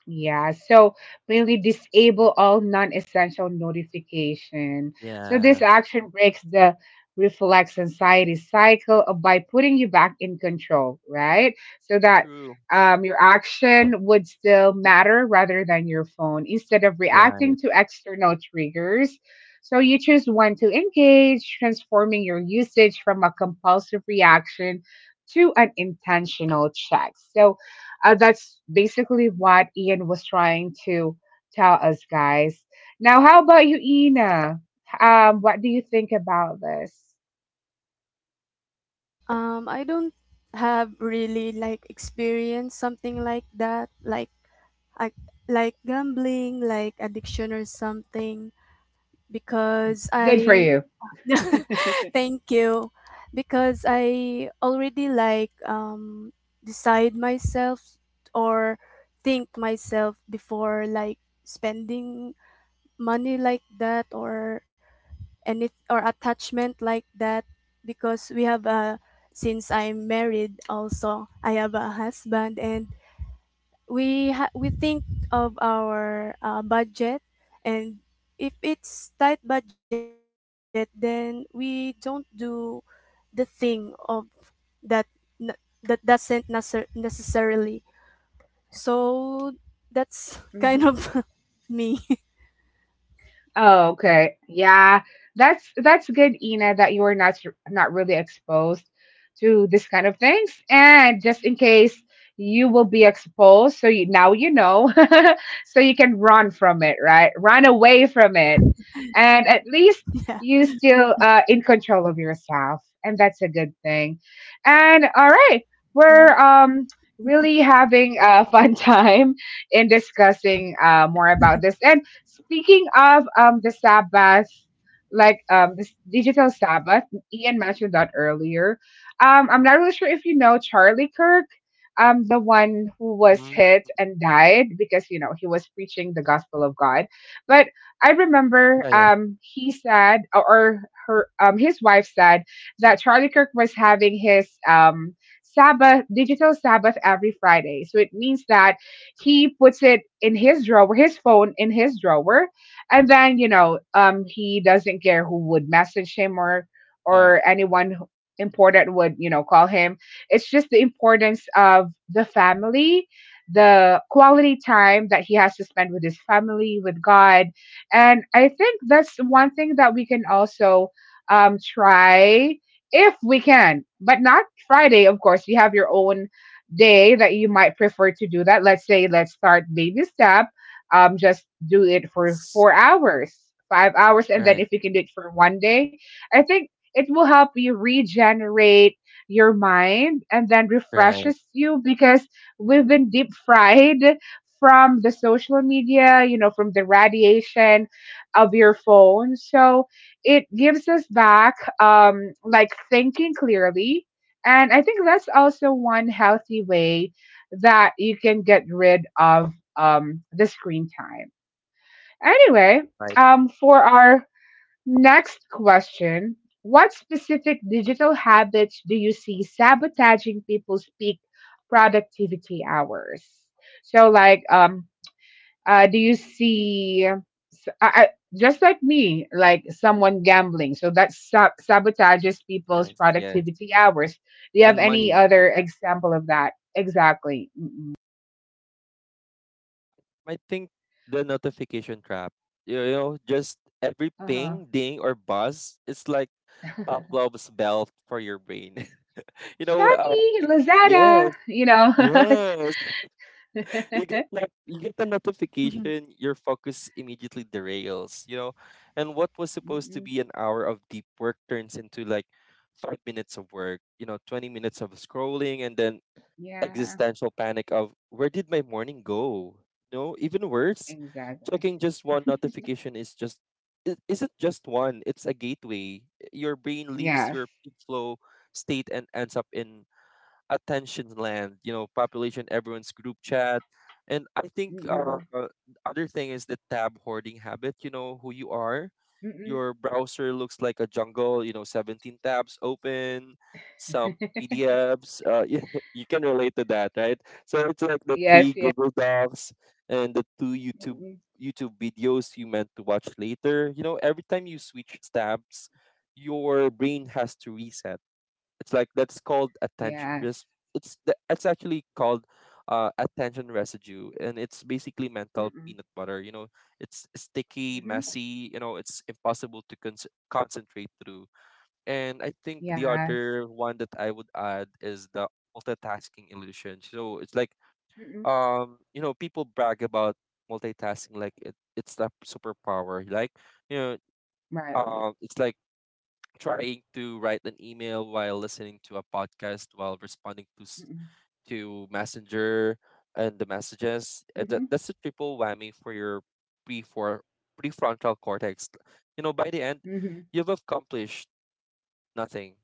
Yeah, so mainly disable all non-essential notification. So this
Yeah.
action breaks the reflex anxiety cycle of- by putting you back in control, right? So that
True.
your action would still matter rather than your phone, instead of reacting
Right.
to external triggers. So you choose when to engage, transforming your usage from a compulsive reaction to an intentional check. So that's basically what Ian was trying to tell us, guys. Now, how about you, Ina? What do you think about this?
I don't have really like experienced something like that, like I like gambling, like addiction or something, because I
Good for you.
thank you. Because I already like decide myself or think myself before like spending money like that or any or attachment like that, because we have a since I'm married also, I have a husband, and we think of our budget, and if it's tight budget, then we don't do the thing of that n- that doesn't necessar- necessarily. So that's kind of me.
Oh, okay. Yeah, that's good, Ina, that you are not not really exposed to this kind of things. And just in case you will be exposed, so you now you know, so you can run from it, right? Run away from it, and at least
Yeah,
you still in control of yourself, and that's a good thing. And all right, we're
yeah.
really having a fun time in discussing more about this. And speaking of the Sabbath, like this digital Sabbath, Ian mentioned that earlier. I'm not really sure if you know Charlie Kirk, the one who was
Mm.
hit and died because you know he was preaching the gospel of God. But I
Yeah.
remember
Yeah.
he said or her his wife said that Charlie Kirk was having his Sabbath digital Sabbath every Friday. So it means that he puts it in his drawer, his phone in his drawer, and then you know, he doesn't care who would message him, or
Yeah.
or anyone important would, you know, call him. It's just the importance of the family, the quality time that he has to spend with his family, with God. And I think that's one thing that we can also try if we can, but not Friday, of course. You have your own day that you might prefer to do that. Let's say let's start baby step. Just do it for
S-
4 hours, 5 hours, and
Right.
then if you can do it for 1 day, I think it will help you regenerate your mind and then
Right.
refreshes you, because we've been deep fried from the social media, you know, from the radiation of your phone. So it gives us back like thinking clearly. And I think that's also one healthy way that you can get rid of the screen time. Anyway,
Right.
for our next question, what specific digital habits do you see sabotaging people's peak productivity hours? So, like, do you see just like me, like someone gambling, so that sabotages people's
Yes. Yes.
productivity hours. Do you have
And
any
money.
other example of that? Exactly. Mm-mm.
I think the notification trap, you know, just every
Uh-huh.
ping, ding, or buzz, it's like Pavlov's bell for your brain. You know,
Shopee, Lazada,
yes,
you know.
yes. You get the notification, your focus immediately derails. You know, and what was supposed to
Mm-mm.
be an hour of deep work turns into like 5 minutes of work. You know, 20 minutes of scrolling, and then
Yeah,
existential panic of where did my morning go? No, even worse,
exactly.
checking just one notification is just it isn't just one, it's a gateway. Your brain leaves
Yes.
your peak flow state and ends up in attention land, you know, population, everyone's group chat. And I think
Mm-mm.
other thing is the tab hoarding habit, you know, who you are.
Mm-mm.
Your browser looks like a jungle, you know, 17 tabs open, some PDFs. You can relate to that, right? So it's like the
Yes,
three
yes.
Google Docs and the two YouTube
Mm-mm.
YouTube videos you meant to watch later. You know, every time you switch tabs, your brain has to reset, it's like that's called attention
Yes.
risk. It's actually called attention residue, and it's basically mental
Mm-mm.
peanut butter. You know, it's sticky,
Mm-hmm.
messy. You know, it's impossible to concentrate through. And I think the
Yes.
other one that I would add is the multitasking illusion. So it's like
Mm-mm.
you know, people brag about multitasking like it's a superpower. Like you know,
Right.
it's like trying to write an email while listening to a podcast while responding to
Mm-mm.
to messenger and the messages
Mm-hmm.
that's a triple whammy for your pre for prefrontal cortex. You know, by the end
Mhm.
you've accomplished nothing,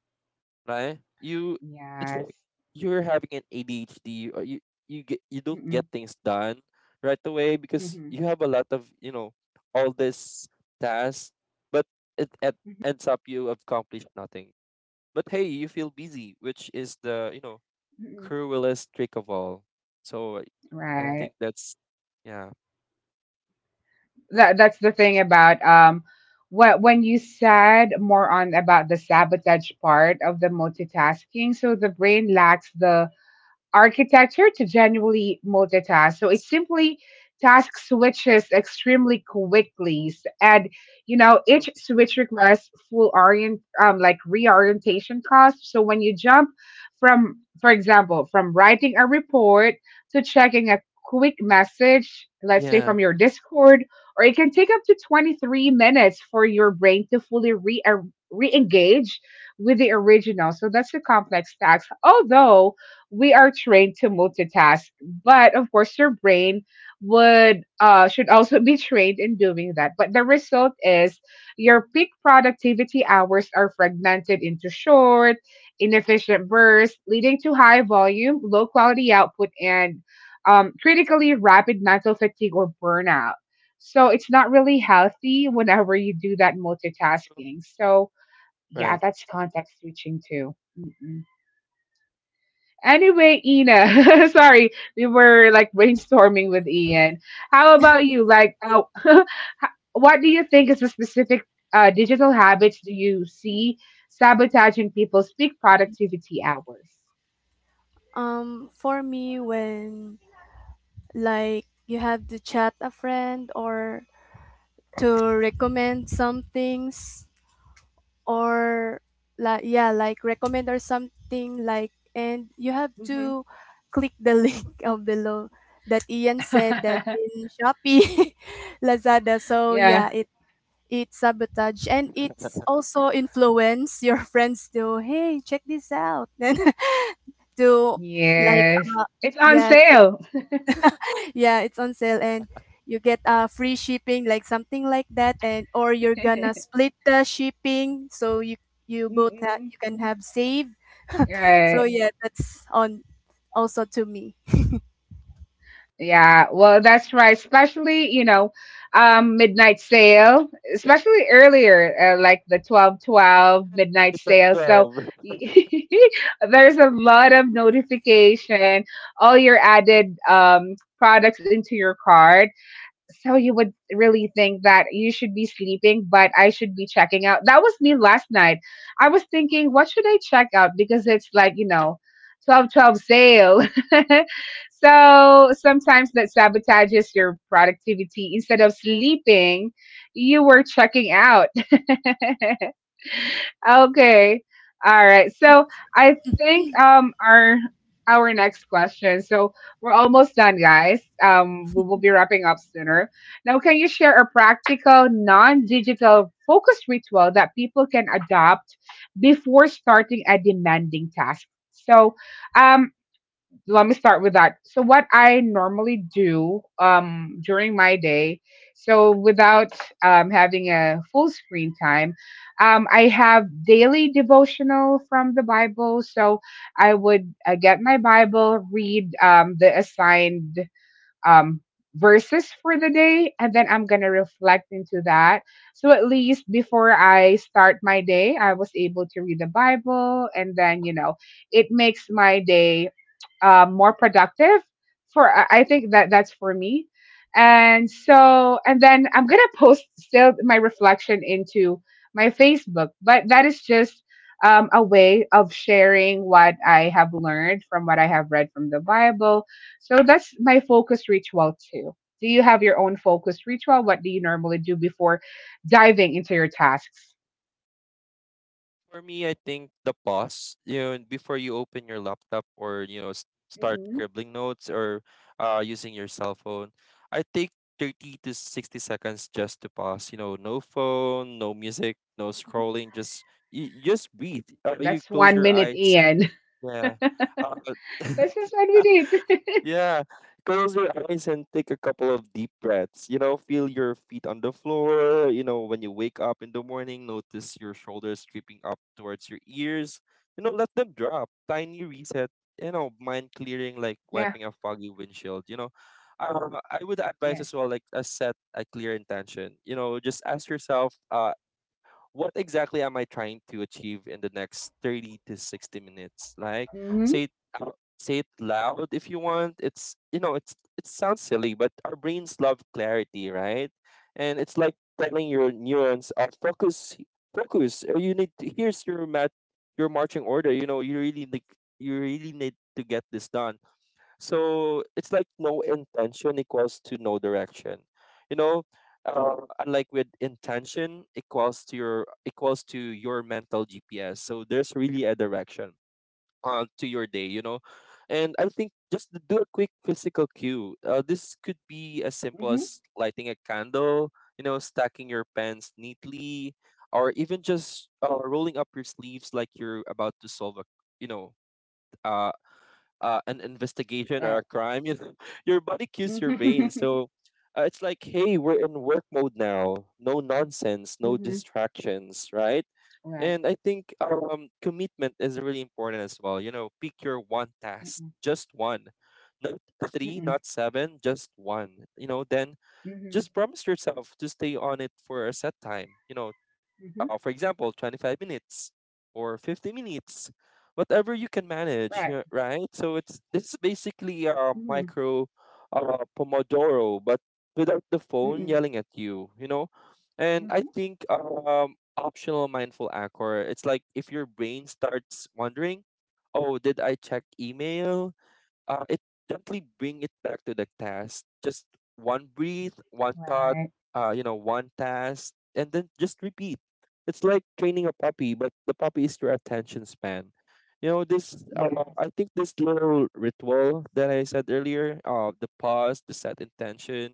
right? You it's like
Yes.
you're having an ADHD, or you get you don't
Mm-mm.
get things done right away because
Mhm.
you have a lot of, you know, all this tasks. But it
Mhm.
ends up you accomplish nothing, but hey, you feel busy, which is the, you know,
Mm-mm.
cruelest trick of all. So I think
Right.
that's, yeah,
That that's the thing about what when you said more on about the sabotage part of the multitasking. So the brain lacks the architecture to genuinely multitask. So
it's
it simply task switches extremely quickly, and you know
true.
each switch requires full orient like reorientation costs. So when you jump for example, from writing a report to checking a quick message, let's say
Yeah,
from your Discord, or it can take up to 23 minutes for your brain to fully re re engage with the original. So that's a complex task. Although we are trained to multitask, but of course your brain would should also be trained in doing that. But the result is your peak productivity hours are fragmented into short, inefficient bursts, leading to high volume, low quality output, and critically rapid mental fatigue or burnout. So it's not really healthy whenever you do that
true.
multitasking. So yeah,
Right.
that's context switching too. Anyway, Ina, sorry, we were like brainstorming with Ian. How about
It's
you? Like, what do you think is the specific digital habits do you see sabotaging people's peak productivity hours?
for me when like you have to chat a friend or to recommend some things or like yeah, like recommend or something like, and you have
Mm-hmm.
to click the link below that Ian said, that in Shopee, Lazada. So
Yeah.
yeah, it's sabotage, and it's also influence your friends to hey check this out then to like,
Yes.
uh,
It's on
yeah,
sale.
yeah, it's on sale, and you get free shipping like something like that, and or you're gonna split the shipping so you
Mm-mm.
you can have save. So
Right.
yeah, that's on also to me.
Yeah. Well, that's right. Especially, you know, midnight sale, especially earlier, like the 12-12 midnight
It's all
sale. So
12.
there's a lot of notification, all your added products into your card. So you would really think that you should be sleeping, but I should be checking out. That was me last night. I was thinking, what should I check out? Because it's like, you know, 12 12 sale. So sometimes that sabotages your productivity. Instead of sleeping, you were checking out. Okay. All right. So I think our next question. So we're almost done, guys. We will be wrapping up sooner. Now, can you share a practical, non-digital focused ritual that people can adopt before starting a demanding task? So, um, let me start with that. So what I normally do during my day, so without having a full screen time, I have daily devotional from the Bible. So I would get my Bible, read the assigned um, verses for the day, and then I'm gonna reflect into that. So at least before I start my day, I was able to read the Bible, and then you know, it makes my day more productive. For I think that that's for me. And so, and then I'm gonna post still my reflection into my Facebook, but that is just a way of sharing what I have learned from what I have read from the Bible. So that's my focus ritual too. Do you have your own focus ritual? What do you normally do before diving into your tasks?
For me, I think the pause, you know, before you open your laptop or, you know, start
Mm-mm.
scribbling notes or using your cell phone, I take 30 to 60 seconds just to pause. You know, no phone, no music, no scrolling, just you just breathe. You
That's
close
one
your
minute
eyes.
in.
Yeah. Uh,
That's just we did.
yeah. Close your eyes and take a couple of deep breaths. You know, feel your feet on the floor. You know, when you wake up in the morning, notice your shoulders creeping up towards your ears. You know, let them drop. Tiny reset. You know, mind clearing like
Yeah.
wiping a foggy windshield. You know, I would advise as
Yes.
well, like, a set a clear intention. You know, just ask yourself, what exactly am I trying to achieve in the next 30 to 60 minutes? Like
Mm-hmm.
say it out, say it loud if you want. It's you know, it's it sounds silly, but our brains love clarity, right? And it's like telling your neurons, focus. Or you need to, here's your mat your marching order. You know, you really need to get this done. So it's like no intention equals to no direction. You know, uh, unlike with intention equals to your mental GPS. So there's really a direction to your day. You know, and I think just to do a quick physical cue. This could be as simple
Mm-hmm.
as lighting a candle. You know, stacking your pens neatly, or even just rolling up your sleeves like you're about to solve a you know uh, an investigation or
Right.
a crime, you know, your body cues your brain.
Mm-hmm.
So it's like, hey, we're in work mode now. No nonsense, no
Mm-hmm.
distractions, right?
Right.
And I think commitment is really important as well. You know, pick your one task,
Mm-mm.
just one, not three,
Mm-mm.
not seven, just one. You know, then
Mm-hmm.
just promise yourself to stay on it for a set time. You know,
Mm-hmm.
for example, 25 minutes or 50 minutes, whatever you can manage,
Right.
yeah, right? So it's this is basically a
Mm-mm.
micro Pomodoro, but without the phone
Mm-mm.
yelling at you, you know? And I
Mm-hmm.
think optional mindful anchor, it's like if your brain starts wondering, oh, did I check email? It gently bring it back to the task. Just one breathe, one thought,
Right.
you know, one task, and then just repeat. It's like training a puppy, but the puppy is your attention span. You know,
Yes.
I think this little ritual that I said earlier, the pause, the set intention,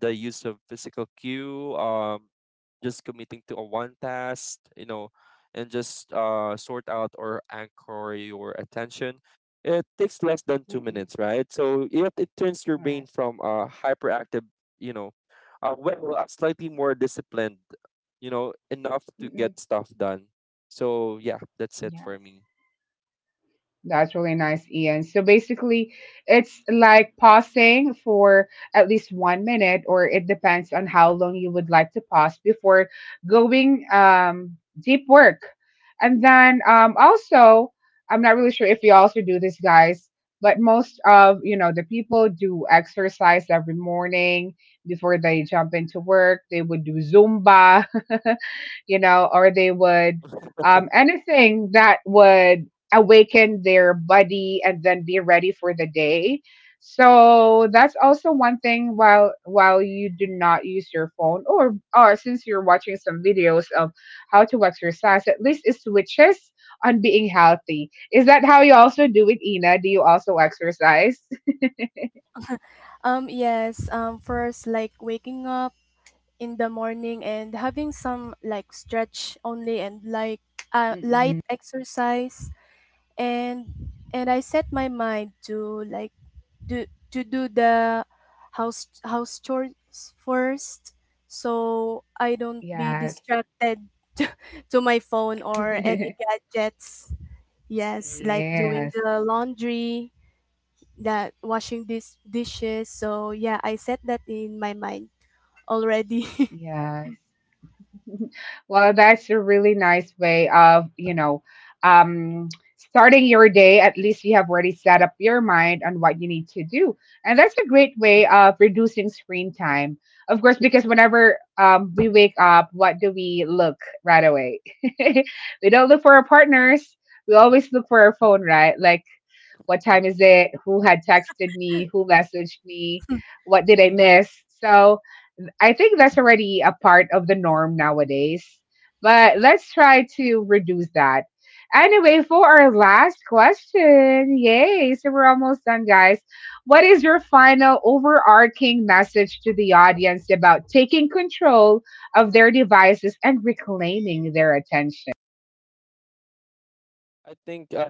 the use of physical cue, just committing to a one task, you know, and just sort out or anchor your attention. It takes less than two
Mm-mm.
minutes, right? So yet it turns your
Right.
brain from a hyperactive, you know, slightly more disciplined, you know, enough to
Mm-mm.
get stuff done. So yeah, that's it for
Yes.
me.
That's really nice, Ian. So basically, it's like pausing for at least 1 minute, or it depends on how long you would like to pause before going deep work. And then also, I'm not really sure if you also do this, guys, but most of you know the people do exercise every morning before they jump into work. They would do Zumba. You know, or they would anything that would awaken their body and then be ready for the day. So that's also one thing, while you do not use your phone, or since you're watching some videos of how to exercise, at least it switches on being healthy. Is that how you also do it, Ina? Do you also exercise?
Yes, first like waking up in the morning and having some like stretch only and like light
Mm-mm.
exercise, and and I set my mind to like do to do the house chores first, so I don't be
Yes.
distracted to to my phone or any gadgets. Yes, like doing
Yes.
the laundry, that washing these dishes. So yeah, I set that in my mind already.
Yes. Well, that's a really nice way of, you know, um, starting your day. At least you have already set up your mind on what you need to do. And that's a great way of reducing screen time. Of course, because whenever we wake up, what do we look right away? We don't look for our partners. We always look for our phone, right? Like, what time is it? Who had texted me? Who messaged me? What did I miss? So, I think that's already a part of the norm nowadays. But let's try to reduce that. Anyway, for our last question, yay! So we're almost done, guys. What is your final overarching message to the audience about taking control of their devices and reclaiming their attention?
I think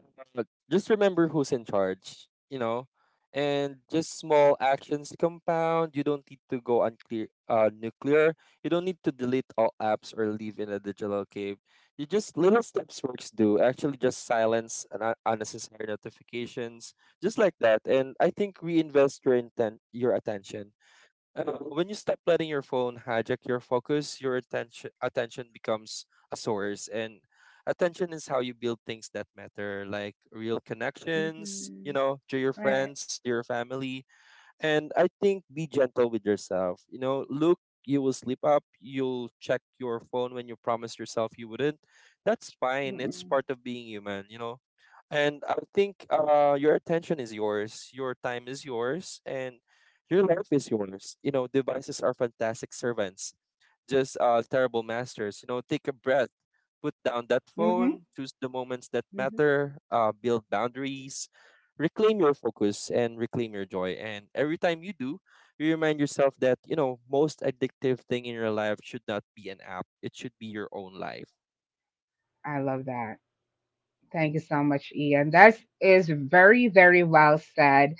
just remember who's in charge, you know, and just small actions compound. You don't need to go nuclear. You don't need to delete all apps or live in a digital cave. You just little steps works do actually just silence an unnecessary notifications, just like that. And I think reinvest your intent, your attention. When you stop letting your phone hijack your focus, your attention becomes a source, and attention is how you build things that matter, like real connections, you
Mm-hmm.
know, to your
Right.
friends, to your family, and I think be gentle with yourself. You know, look, you will sleep up, you'll check your phone when you promised yourself you wouldn't. That's fine. It's
Mm-hmm.
part of being human, you know. And I think your attention is yours, your time is yours, and your life is yours. You know, devices are fantastic servants, just terrible masters. You know, take a breath, put down that
Mm-hmm.
phone, choose the moments that matter, build boundaries, reclaim your focus, and reclaim your joy. And every time you do, you remind yourself that, you know, most addictive thing in your life should not be an app, it should be your own life.
I love that. Thank you so much, Ian. That is very, very well said.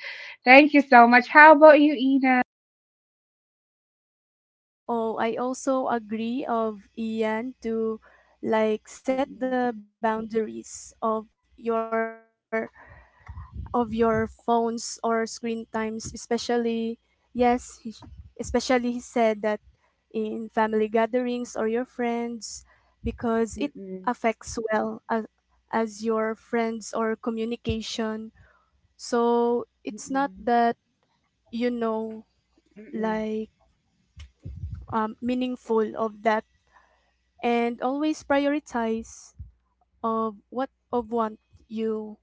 Thank you so much. How about you, Ina?
Oh, I also agree of Ian to like set
Mm-mm,
the boundaries of your phones or screen times, especially yes he, especially he said that in family gatherings or your friends because it
mm-mm,
affects well as your friends or communication. So it's not
mm-mm,
that you know
mm-mm,
like meaningful of that and always prioritize of what of want you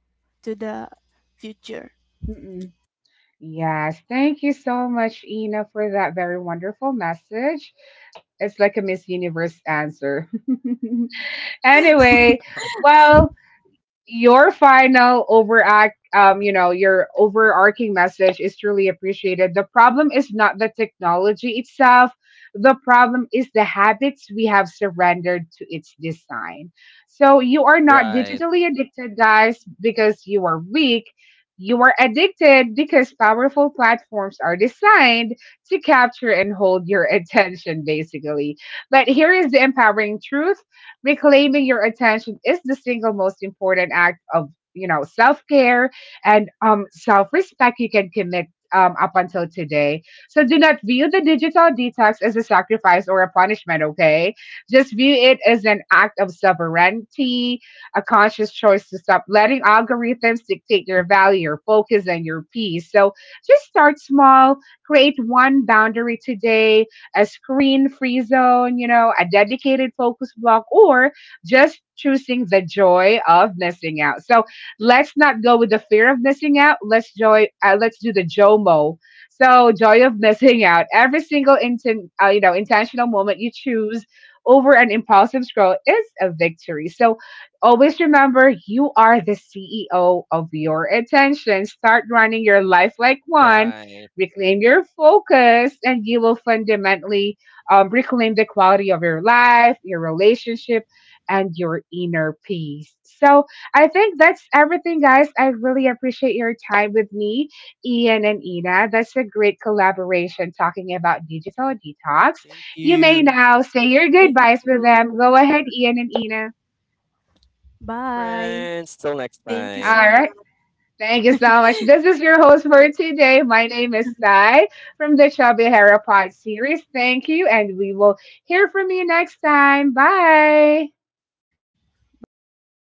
to the future.
mm-mm. Yes, thank you so much, Ina, for that very wonderful message. It's like a Miss Universe answer. Anyway, well, your final overact you know your overarching message is truly appreciated. The problem is not the technology itself, the problem is the habits we have surrendered to its design. So you are
Right,
not digitally addicted, guys, because you are weak. You are addicted because powerful platforms are designed to capture and hold your attention, basically. But here is the empowering truth: reclaiming your attention is the single most important act of, you know, self-care and self-respect you can commit up until today. So do not view the digital detox as a sacrifice or a punishment, okay? Just view it as an act of sovereignty, a conscious choice to stop letting algorithms dictate your value, your focus, and your peace. So just start small. Create one boundary today, a screen free zone, you know, a dedicated focus block, or just choosing the joy of missing out. So let's not go with the fear of missing out. Let's joy. Let's do the JOMO. So joy of missing out. Every single you know intentional moment you choose over an impulsive scroll is a victory. So always remember, you are the CEO of your attention. Start running your life like
right.
one. Reclaim your focus and you will fundamentally reclaim the quality of your life, your relationship, and your inner peace. So I think that's everything, guys. I really appreciate your time with me, Ian and Ina. That's a great collaboration talking about digital detox.
Thank
You
you,
may now say your
Thank
goodbyes with them.
you.
Go ahead, Ian and Ina.
friends.
Bye.
Till next
Thank
time.
All
you so much.
right. Thank you so much. This is your host for today. My name is Sai from the Chubby Hera Pod series. Thank you, and we will hear from you next time. Bye.
Bye.